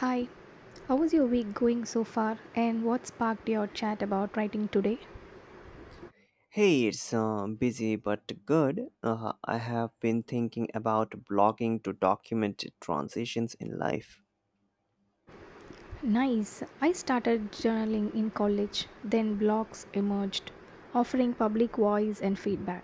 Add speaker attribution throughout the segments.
Speaker 1: Hi, how was your week going so far and what sparked your chat about writing today?
Speaker 2: Hey, it's busy but good. I have been thinking about blogging to document transitions in life.
Speaker 1: Nice. I started journaling in college, then blogs emerged, offering public voice and feedback.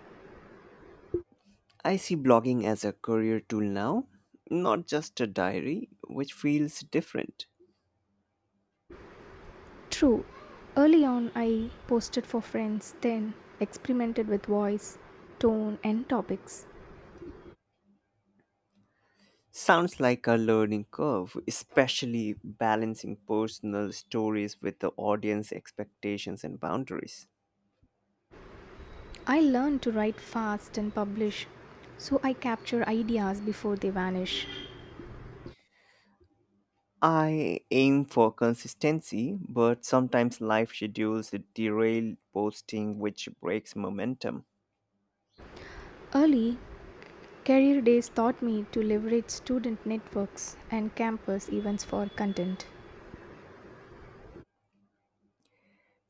Speaker 2: I see blogging as a career tool now, not just a diary, which feels different.
Speaker 1: True, early on I posted for friends, then experimented with voice, tone, and topics.
Speaker 2: Sounds like a learning curve, especially balancing personal stories with the audience expectations and boundaries.
Speaker 1: I learned to write fast and publish, so I capture ideas before they vanish.
Speaker 2: I aim for consistency, but sometimes life schedules derail posting, which breaks momentum.
Speaker 1: Early, Career Days taught me to leverage student networks and campus events for content.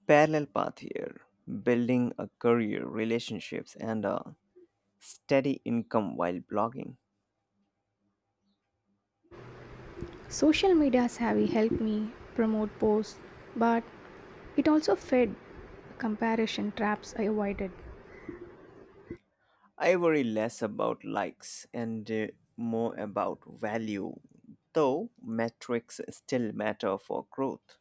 Speaker 2: Parallel path here, building a career, relationships, and a steady income while blogging.
Speaker 1: Social medias have helped me promote posts, but it also fed comparison traps I avoided.
Speaker 2: I worry less about likes and more about value, though metrics still matter for growth.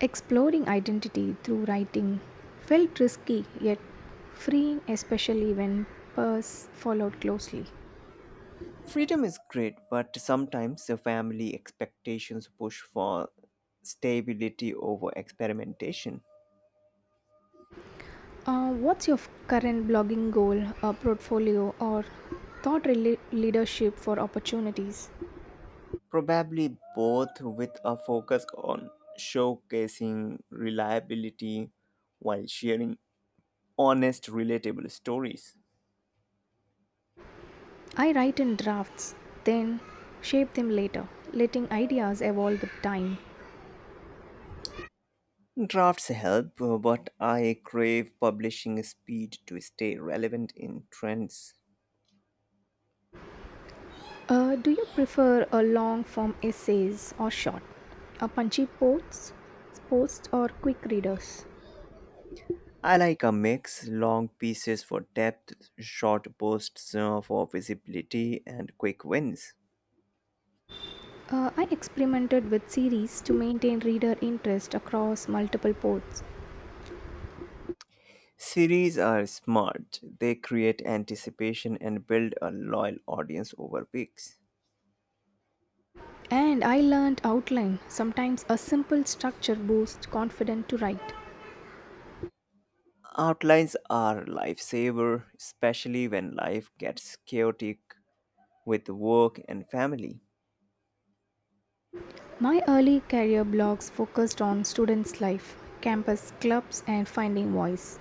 Speaker 1: Exploring identity through writing felt risky yet freeing, especially when peers followed closely.
Speaker 2: Freedom is great, but sometimes the family expectations push for stability over experimentation.
Speaker 1: What's your current blogging goal, or portfolio, or thought rela- leadership for opportunities?
Speaker 2: Probably both with a focus on showcasing reliability while sharing honest, relatable stories.
Speaker 1: I write in drafts, then shape them later, letting ideas evolve with time.
Speaker 2: Drafts help, but I crave publishing speed to stay relevant in trends.
Speaker 1: Do you prefer a long form essays or short? A punchy posts, posts or quick readers?
Speaker 2: I like a mix long pieces for depth, short posts for visibility, and quick wins.
Speaker 1: I experimented with series to maintain reader interest across multiple posts.
Speaker 2: Series are smart, they create anticipation and build a loyal audience over weeks.
Speaker 1: And I learned outline. Sometimes a simple structure boosts confidence to write.
Speaker 2: Outlines are lifesaver, especially when life gets chaotic with work and family.
Speaker 1: My early career blogs focused on students' life, campus clubs, and finding voice.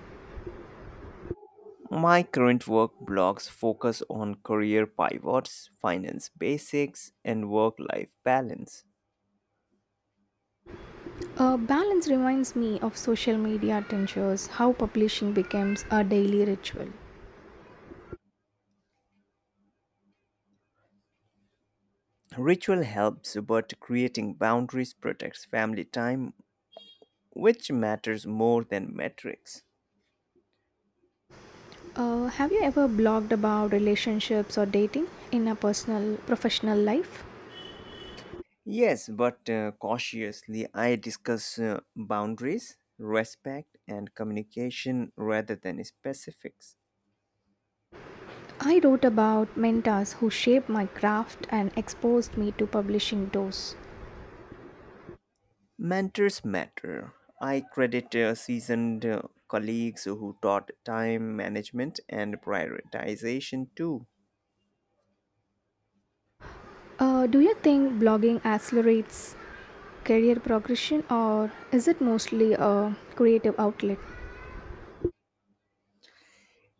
Speaker 2: My current work blogs focus on career pivots, finance basics, and work life balance.
Speaker 1: Balance reminds me of social media tensions, how publishing becomes a daily ritual.
Speaker 2: Ritual helps, but creating boundaries protects family time, which matters more than metrics.
Speaker 1: Have you ever blogged about relationships or dating in a personal, professional life?
Speaker 2: Yes, but cautiously, I discuss boundaries, respect, and communication rather than specifics.
Speaker 1: I wrote about mentors who shaped my craft and exposed me to publishing doors.
Speaker 2: Mentors matter. I credit seasoned colleagues who taught time management and prioritization too.
Speaker 1: Do you think blogging accelerates career progression or is it mostly a creative outlet?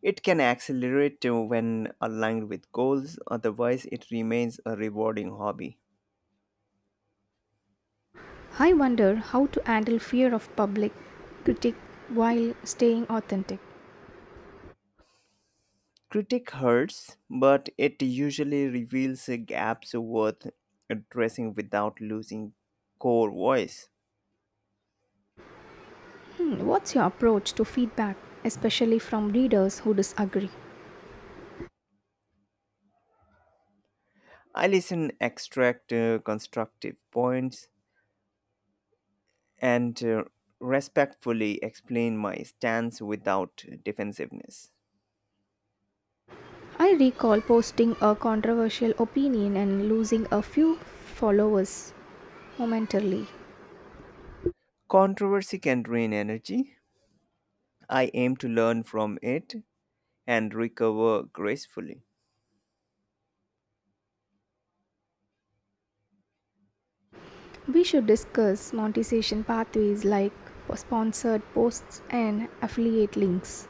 Speaker 2: It can accelerate when aligned with goals. Otherwise, it remains a rewarding hobby.
Speaker 1: I wonder how to handle fear of public critique while staying authentic.
Speaker 2: Critic hurts, but it usually reveals gaps worth addressing without losing core voice.
Speaker 1: Hmm, what's your approach to feedback, especially from readers who disagree?
Speaker 2: I listen, extract constructive points, and respectfully explain my stance without defensiveness.
Speaker 1: I recall posting a controversial opinion and losing a few followers momentarily.
Speaker 2: Controversy can drain energy. I aim to learn from it and recover gracefully.
Speaker 1: We should discuss monetization pathways like sponsored posts and affiliate links.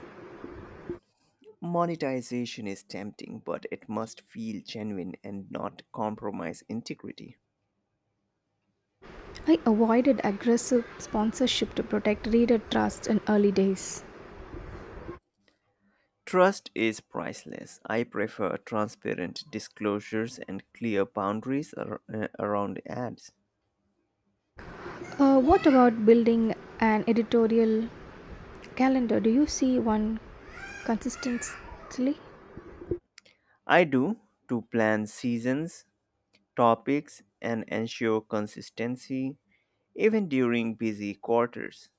Speaker 2: Monetization is tempting, but it must feel genuine and not compromise integrity.
Speaker 1: I avoided aggressive sponsorship to protect reader trust in early days.
Speaker 2: Trust is priceless. I prefer transparent disclosures and clear boundaries around ads.
Speaker 1: What about building an editorial calendar? Do you see one consistently?
Speaker 2: I do to plan seasons topics and ensure consistency even during busy quarters.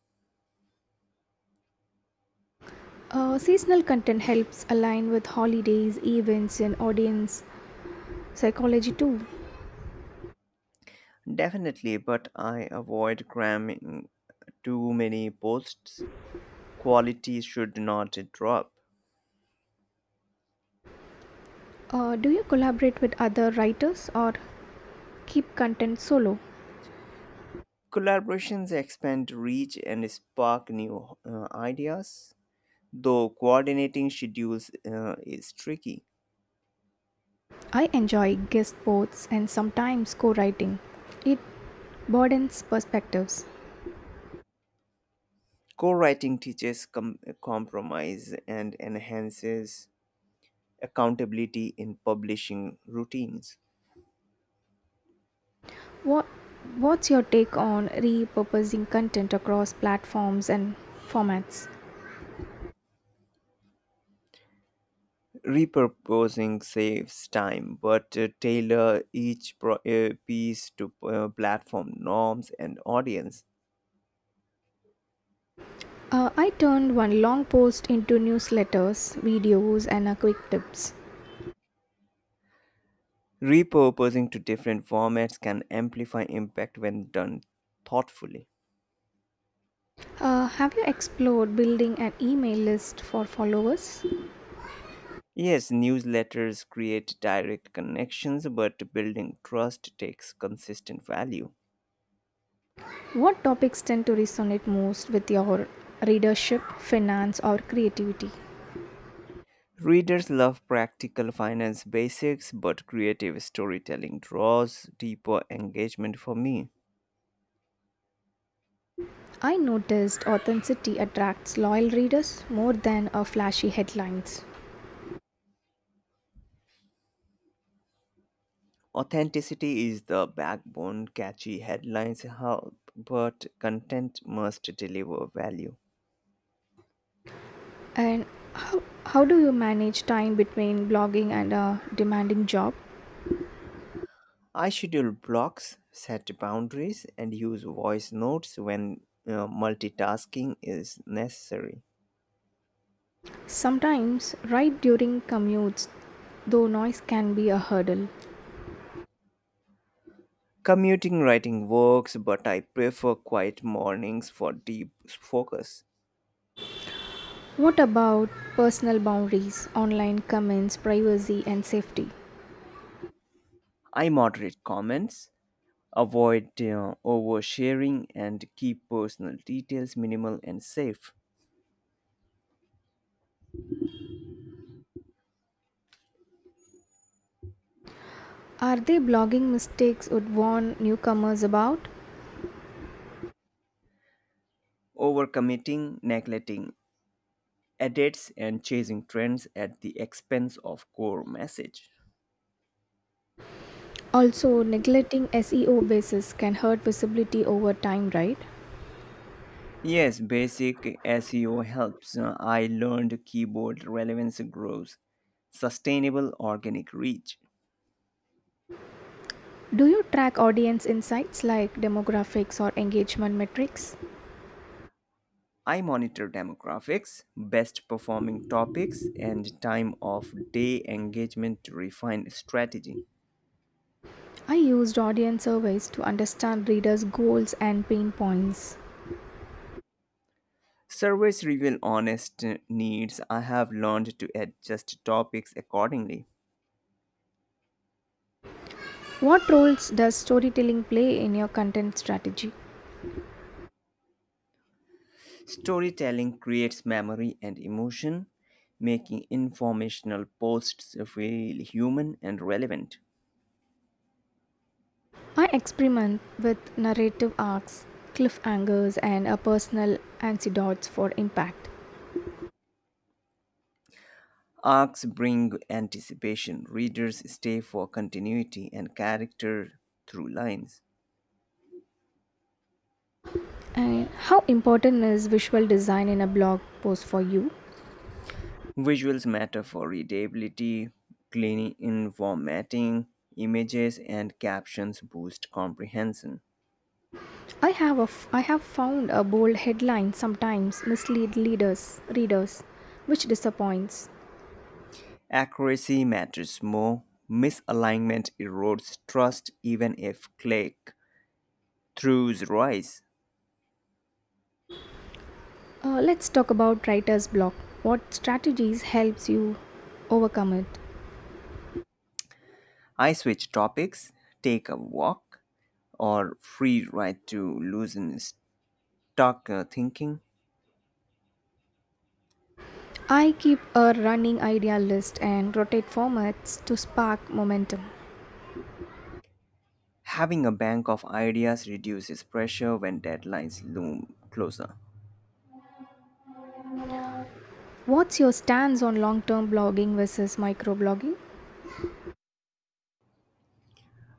Speaker 1: Seasonal content helps align with holidays, events, and audience psychology too.
Speaker 2: Definitely, but I avoid cramming too many posts. Quality should not drop.
Speaker 1: Do you collaborate with other writers or keep content solo?
Speaker 2: Collaborations expand reach and spark new ideas, though coordinating schedules is tricky.
Speaker 1: I enjoy guest posts and sometimes co writing. It broadens perspectives.
Speaker 2: Co-writing teaches compromise and enhances accountability in publishing routines.
Speaker 1: What, what's your take on repurposing content across platforms and formats?
Speaker 2: Repurposing saves time, but tailor each piece to platform norms and audience.
Speaker 1: I turned one long post into newsletters, videos, and a quick tips.
Speaker 2: Repurposing to different formats can amplify impact when done thoughtfully.
Speaker 1: Have you explored building an email list for followers?
Speaker 2: Yes, newsletters create direct connections, but building trust takes consistent value.
Speaker 1: What topics tend to resonate most with your readership, finance, or creativity?
Speaker 2: Readers love practical finance basics, but creative storytelling draws deeper engagement for me.
Speaker 1: I noticed authenticity attracts loyal readers more than a flashy headlines.
Speaker 2: Authenticity is the backbone, catchy headlines help, but content must deliver value.
Speaker 1: And how do you manage time between blogging and a demanding job?
Speaker 2: I schedule blocks, set boundaries, and use voice notes when multitasking is necessary.
Speaker 1: Sometimes, right during commutes, though noise can be a hurdle.
Speaker 2: Commuting writing works, but I prefer quiet mornings for deep focus.
Speaker 1: What about personal boundaries, online comments, privacy, and safety?
Speaker 2: I moderate comments, avoid oversharing, and keep personal details minimal and safe.
Speaker 1: Are they blogging mistakes would warn newcomers about?
Speaker 2: Overcommitting, neglecting edits, and chasing trends at the expense of core message.
Speaker 1: Also, neglecting SEO basis can hurt visibility over time, right?
Speaker 2: Yes, basic SEO helps. I learned keyword relevance grows, sustainable organic reach.
Speaker 1: Do you track audience insights like demographics or engagement metrics?
Speaker 2: I monitor demographics, best performing topics, and time of day engagement to refine strategy.
Speaker 1: I used audience surveys to understand readers' goals and pain points.
Speaker 2: Surveys reveal honest needs. I have learned to adjust topics accordingly.
Speaker 1: What roles does storytelling play in your content strategy?
Speaker 2: Storytelling creates memory and emotion, making informational posts feel human and relevant.
Speaker 1: I experiment with narrative arcs, cliffhangers, and a personal anecdotes for impact.
Speaker 2: Arcs bring anticipation. Readers stay for continuity and character through lines.
Speaker 1: And how important is visual design in a blog post for you?
Speaker 2: Visuals matter for readability, clean in formatting, images and captions boost comprehension.
Speaker 1: I have found a bold headline sometimes mislead leaders readers, which disappoints.
Speaker 2: Accuracy matters more. Misalignment erodes trust even if click throughs rise.
Speaker 1: Let's talk about writer's block. What strategies helps you overcome it?
Speaker 2: I switch topics, take a walk, or free ride to loosen stuck thinking.
Speaker 1: I keep a running idea list and rotate formats to spark momentum.
Speaker 2: Having a bank of ideas reduces pressure when deadlines loom closer.
Speaker 1: What's your stance on long-term blogging versus microblogging?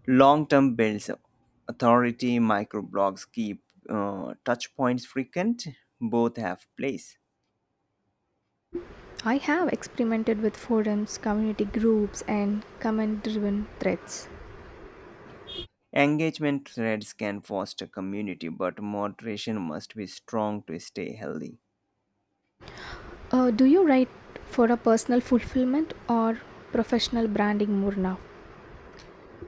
Speaker 2: Long term builds authority, microblogs keep touch points frequent, both have place.
Speaker 1: I have experimented with forums, community groups, and comment-driven threads.
Speaker 2: Engagement threads can foster community, but moderation must be strong to stay healthy.
Speaker 1: Do you write for a personal fulfillment or professional branding more now?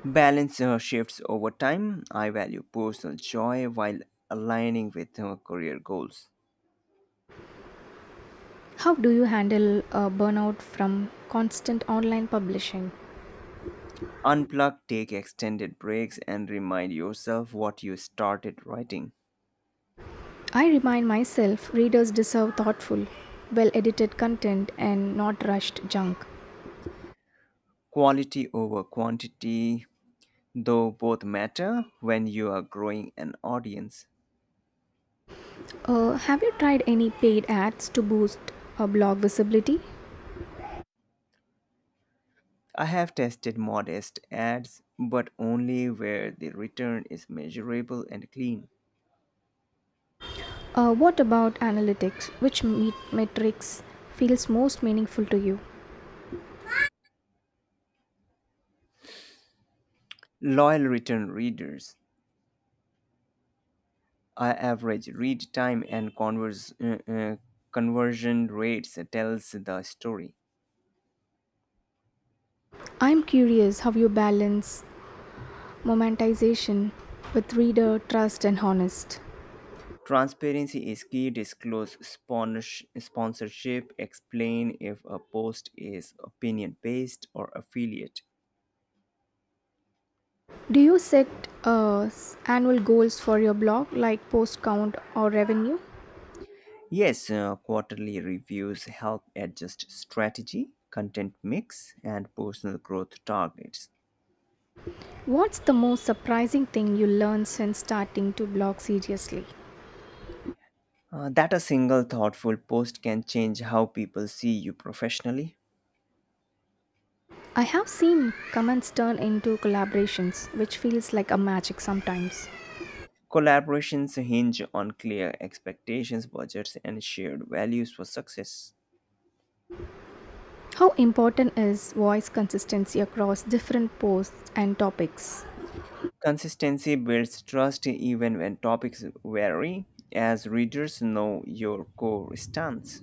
Speaker 2: Balance shifts over time. I value personal joy while aligning with career goals.
Speaker 1: How do you handle burnout from constant online publishing?
Speaker 2: Unplug, take extended breaks, and remind yourself what you started writing.
Speaker 1: I remind myself readers deserve thoughtful, well edited content and not rushed junk.
Speaker 2: Quality over quantity, though both matter when you are growing an audience.
Speaker 1: Have you tried any paid ads to boost blog visibility?
Speaker 2: I have tested modest ads, but only where the return is measurable and clean.
Speaker 1: What about analytics? Which me- metrics feels most meaningful to you?
Speaker 2: Loyal return readers. I average read time and conversion rates tells the story.
Speaker 1: I'm curious how you balance momentization with reader trust and honest.
Speaker 2: Transparency is key. Disclose sponsorship. Explain if a post is opinion based or affiliate.
Speaker 1: Do you set annual goals for your blog like post count or revenue?
Speaker 2: Yes, quarterly reviews help adjust strategy, content mix, and personal growth targets.
Speaker 1: What's the most surprising thing you learned since starting to blog seriously?
Speaker 2: That a single thoughtful post can change how people see you professionally.
Speaker 1: I have seen comments turn into collaborations which feels like a magic sometimes.
Speaker 2: Collaborations hinge on clear expectations, budgets, and shared values for success.
Speaker 1: How important is voice consistency across different posts and topics?
Speaker 2: Consistency builds trust even when topics vary, as readers know your core stance.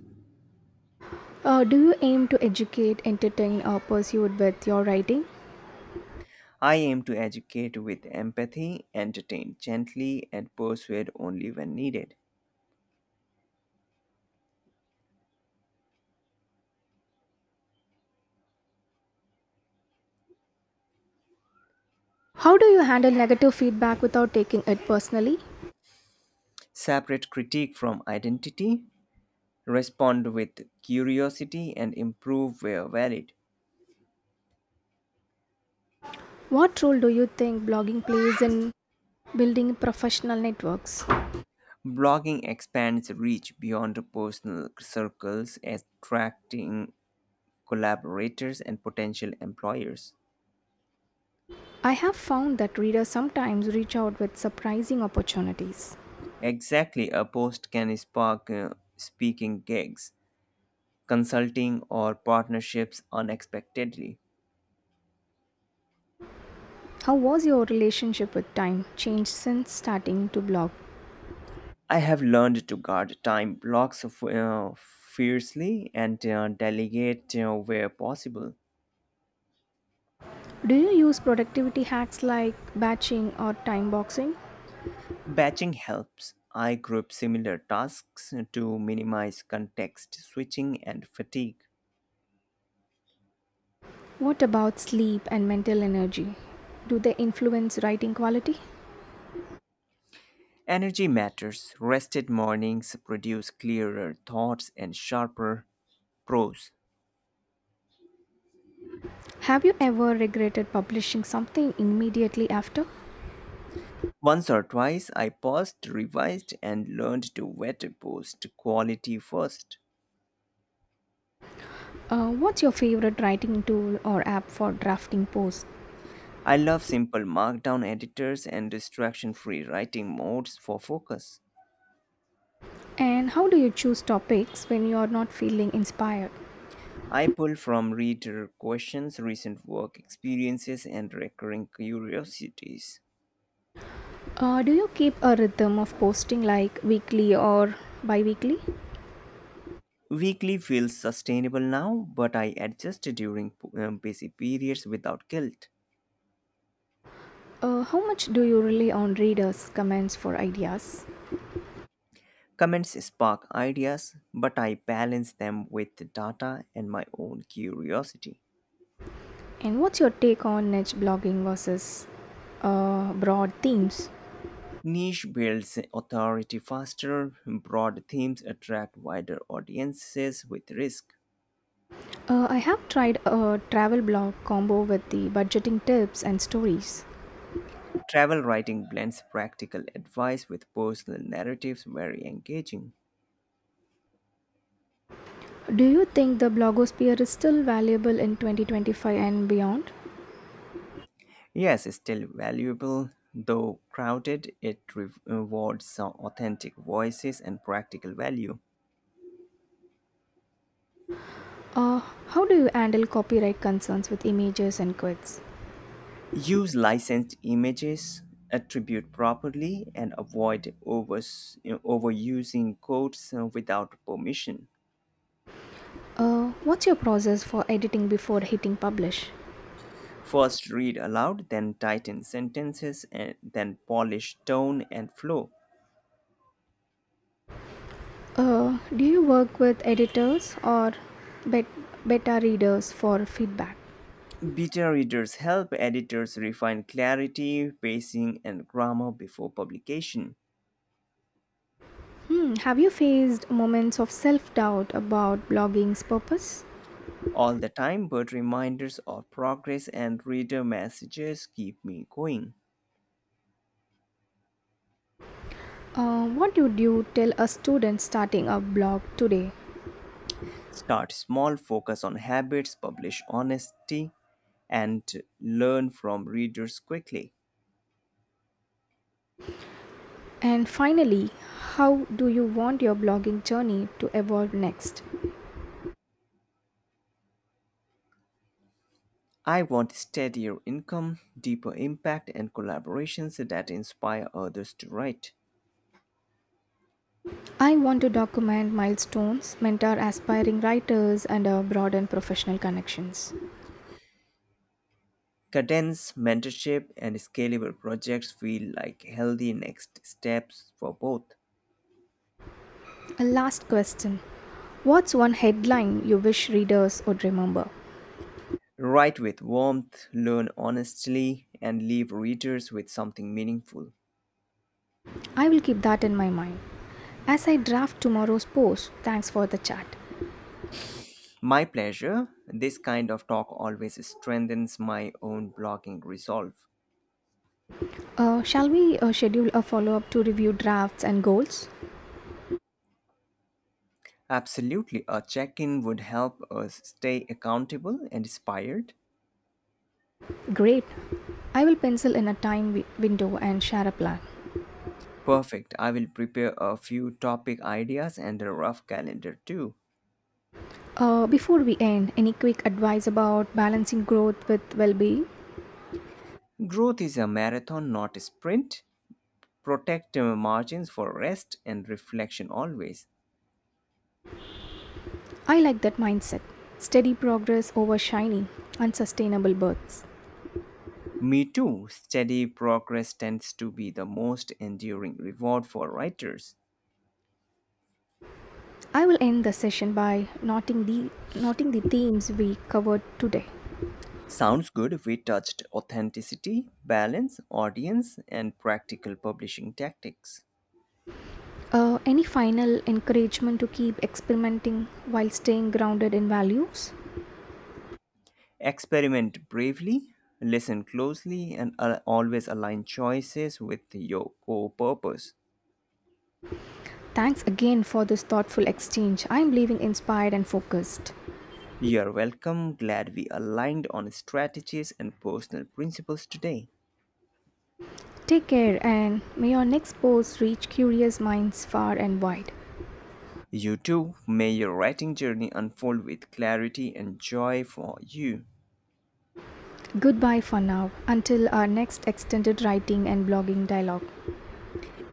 Speaker 1: Do you aim to educate entertain or persuade with your writing?
Speaker 2: I aim to educate with empathy, entertain gently, and persuade only when needed.
Speaker 1: How do you handle negative feedback without taking it personally?
Speaker 2: Separate critique from identity, respond with curiosity, and improve where valid.
Speaker 1: What role do you think blogging plays in building professional networks?
Speaker 2: Blogging expands reach beyond personal circles, attracting collaborators and potential employers.
Speaker 1: I have found that readers sometimes reach out with surprising opportunities.
Speaker 2: Exactly, a post can spark speaking gigs, consulting, or partnerships unexpectedly.
Speaker 1: How was your relationship with time changed since starting to blog?
Speaker 2: I have learned to guard time blocks fiercely and delegate where possible.
Speaker 1: Do you use productivity hacks like batching or time boxing?
Speaker 2: Batching helps. I group similar tasks to minimize context switching and fatigue.
Speaker 1: What about sleep and mental energy? Do they influence writing quality?
Speaker 2: Energy matters. Rested mornings produce clearer thoughts and sharper prose.
Speaker 1: Have you ever regretted publishing something immediately after?
Speaker 2: Once or twice I paused, revised, and learned to wet post quality first.
Speaker 1: What's your favorite writing tool or app for drafting posts?
Speaker 2: I love simple markdown editors and distraction free writing modes for focus.
Speaker 1: And how do you choose topics when you are not feeling inspired?
Speaker 2: I pull from reader questions, recent work experiences, and recurring curiosities.
Speaker 1: Do you keep a rhythm of posting like weekly or bi weekly?
Speaker 2: Weekly feels sustainable now, but I adjust during busy periods without guilt.
Speaker 1: How much do you rely on readers' comments for ideas?
Speaker 2: Comments spark ideas, but I balance them with data and my own curiosity.
Speaker 1: And what's your take on niche blogging versus broad themes?
Speaker 2: Niche builds authority faster, broad themes attract wider audiences with risk.
Speaker 1: I have tried a travel blog combo with the budgeting tips and stories.
Speaker 2: Travel writing blends practical advice with personal narratives very engaging.
Speaker 1: Do you think the blogosphere is still valuable in 2025 and beyond?
Speaker 2: Yes, it's still valuable, though crowded, it rewards some authentic voices and practical value.
Speaker 1: Uh, how do you handle copyright concerns with images and quotes?
Speaker 2: Use licensed images, attribute properly, and avoid overusing quotes without permission.
Speaker 1: What's your process for editing before hitting publish?
Speaker 2: First read aloud, then tighten sentences, and then polish tone and flow.
Speaker 1: Do you work with editors or bet- beta readers for feedback?
Speaker 2: Beta readers help editors refine clarity, pacing, and grammar before publication.
Speaker 1: Hmm, have you faced moments of self doubt about blogging's purpose?
Speaker 2: All the time, but reminders of progress and reader messages keep me going.
Speaker 1: What would you tell a student starting a blog today?
Speaker 2: Start small, focus on habits, publish honesty, and learn from readers quickly.
Speaker 1: And finally, how do you want your blogging journey to evolve next?
Speaker 2: I want steadier income, deeper impact, and collaborations that inspire others to write.
Speaker 1: I want to document milestones, mentor aspiring writers, and broaden professional connections.
Speaker 2: Cadence, mentorship, and scalable projects feel like healthy next steps for both.
Speaker 1: A last question. What's one headline you wish readers would remember?
Speaker 2: Write with warmth, learn honestly, and leave readers with something meaningful.
Speaker 1: I will keep that in my mind. As I draft tomorrow's post, thanks for the chat.
Speaker 2: My pleasure. This kind of talk always strengthens my own blogging resolve.
Speaker 1: Shall we schedule a follow up to review drafts and goals?
Speaker 2: Absolutely, a check in would help us stay accountable and inspired.
Speaker 1: Great. I will pencil in a window and share a plan.
Speaker 2: Perfect. I will prepare a few topic ideas and a rough calendar too.
Speaker 1: Before we end, any quick advice about balancing growth with well being?
Speaker 2: Growth is a marathon, not a sprint. Protect margins for rest and reflection always.
Speaker 1: I like that mindset. Steady progress over shiny, unsustainable births.
Speaker 2: Me too. Steady progress tends to be the most enduring reward for writers.
Speaker 1: I will end the session by noting the themes we covered today.
Speaker 2: Sounds good. We touched authenticity, balance, audience, and practical publishing tactics.
Speaker 1: Any final encouragement to keep experimenting while staying grounded in values?
Speaker 2: Experiment bravely, listen closely, and always align choices with your core purpose.
Speaker 1: Thanks again for this thoughtful exchange. I am leaving inspired and focused.
Speaker 2: You're welcome. Glad we aligned on strategies and personal principles today.
Speaker 1: Take care and may your next post reach curious minds far and wide.
Speaker 2: You too. May your writing journey unfold with clarity and joy for you.
Speaker 1: Goodbye for now until our next extended writing and blogging dialogue.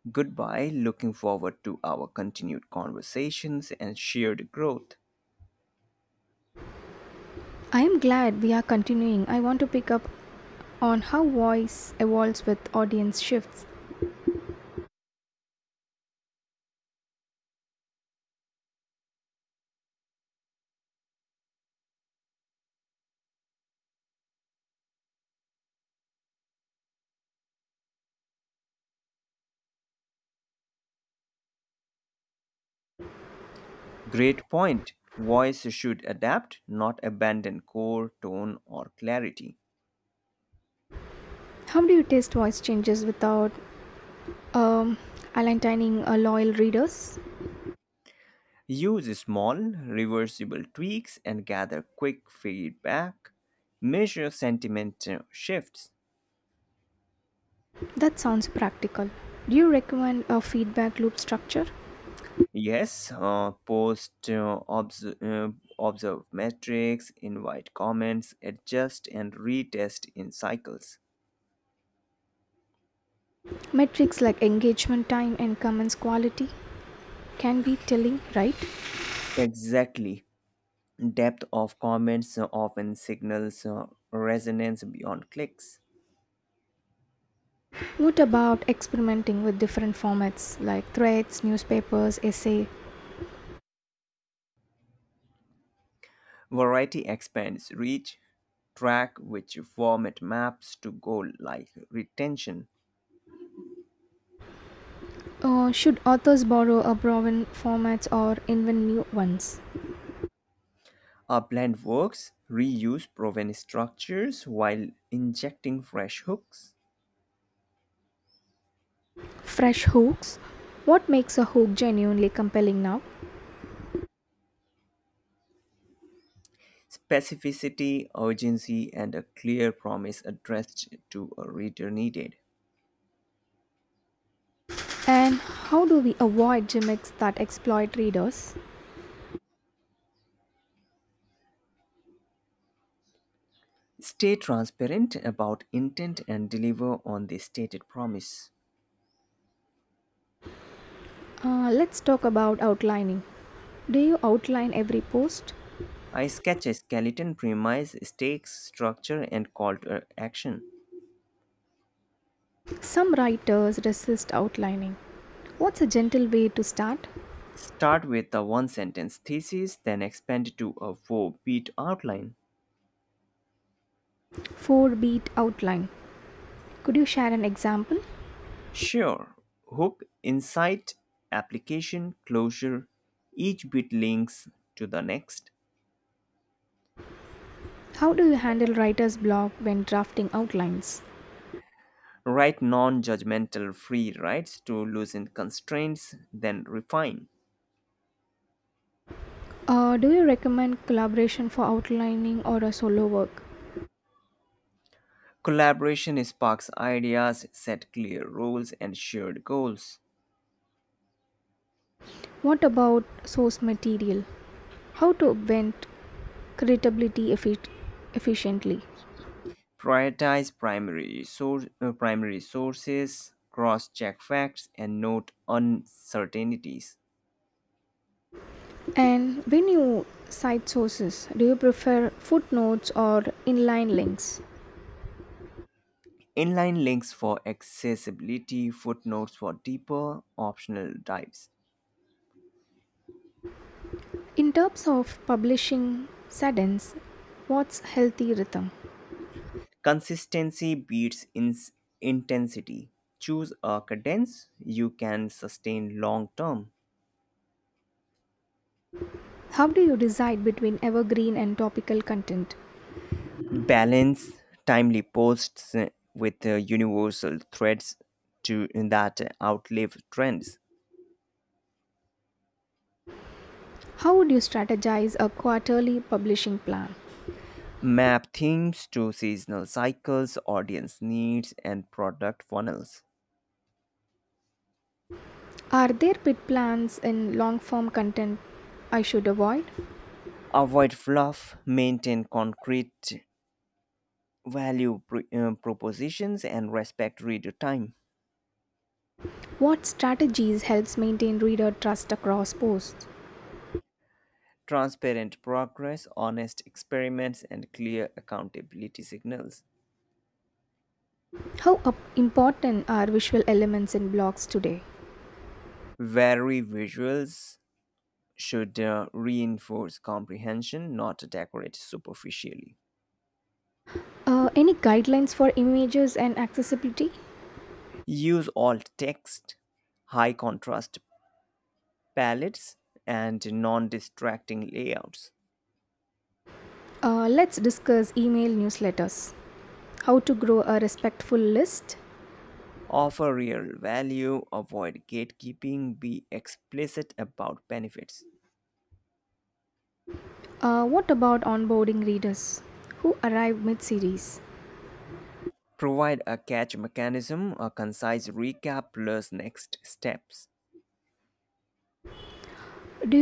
Speaker 2: Goodbye. Looking forward to our continued conversations and shared growth.
Speaker 1: I am glad we are continuing. I want to pick up on how voice evolves with audience shifts.
Speaker 2: Great point. Voice should adapt, not abandon core, tone, or clarity.
Speaker 1: How do you test voice changes without um, aligning loyal readers?
Speaker 2: Use small, reversible tweaks and gather quick feedback. Measure sentiment shifts.
Speaker 1: That sounds practical. Do you recommend a feedback loop structure?
Speaker 2: Yes, post observe metrics, invite comments, adjust and retest in cycles.
Speaker 1: Metrics like engagement time and comments quality can be telling, right?
Speaker 2: Exactly. Depth of comments often signals resonance beyond clicks.
Speaker 1: What about experimenting with different formats like threads, newspapers, essay?
Speaker 2: Variety expands reach, track which format maps to goal like retention.
Speaker 1: Should authors borrow a proven formats or invent new ones?
Speaker 2: Our blend works, reuse proven structures while injecting fresh hooks.
Speaker 1: Fresh hooks, what makes a hook genuinely compelling now,
Speaker 2: Specificity, urgency, and a clear promise addressed to a reader needed.
Speaker 1: and how do we avoid gimmicks that exploit readers?
Speaker 2: Stay transparent about intent and deliver on the stated promise.
Speaker 1: Let's talk about outlining. Do you outline every post?
Speaker 2: I sketch a skeleton premise, stakes, structure, and call to action.
Speaker 1: Some writers resist outlining. What's a gentle way to start?
Speaker 2: Start with a one sentence thesis, then expand to a four beat outline.
Speaker 1: 4 beat outline. Could you share an example?
Speaker 2: Sure, hook, insight, application, closure, each bit links to the next.
Speaker 1: How do you handle writer's block when drafting outlines?
Speaker 2: Write non judgmental free rights to loosen constraints, then refine.
Speaker 1: Do you recommend collaboration for outlining or a solo work?
Speaker 2: Collaboration sparks ideas, set clear roles, and shared goals.
Speaker 1: What about source material? How to invent? creditability effi- efficiently.
Speaker 2: Prioritize primary sources, cross check facts, and note uncertainties.
Speaker 1: And when you cite sources, do you prefer footnotes or inline links?
Speaker 2: Inline links for accessibility, footnotes for deeper optional dives.
Speaker 1: In terms of publishing sentence, what's healthy rhythm?
Speaker 2: Consistency beats ins intensity. Choose a cadence you can sustain long term.
Speaker 1: How do you decide between evergreen and topical content?
Speaker 2: Balance timely posts with universal threads to that outlive trends.
Speaker 1: How would you strategize a quarterly publishing plan?
Speaker 2: Map themes to seasonal cycles, audience needs, and product funnels.
Speaker 1: Are there pit plans in long form content I should avoid?
Speaker 2: Avoid fluff, maintain concrete value propositions and respect reader time.
Speaker 1: What strategies helps maintain reader trust across posts?
Speaker 2: Transparent progress, honest experiments, and clear accountability signals.
Speaker 1: How important are visual elements in blogs today?
Speaker 2: Very visuals should reinforce comprehension, not decorate superficially.
Speaker 1: Any guidelines for images and accessibility?
Speaker 2: Use alt text, high contrast palettes, and non distracting layouts.
Speaker 1: Let's discuss email newsletters. How to grow a respectful list?
Speaker 2: Offer real value, avoid gatekeeping, be explicit about benefits.
Speaker 1: What about onboarding readers who arrive mid series?
Speaker 2: Provide a catch mechanism, a concise recap plus next steps.
Speaker 1: Do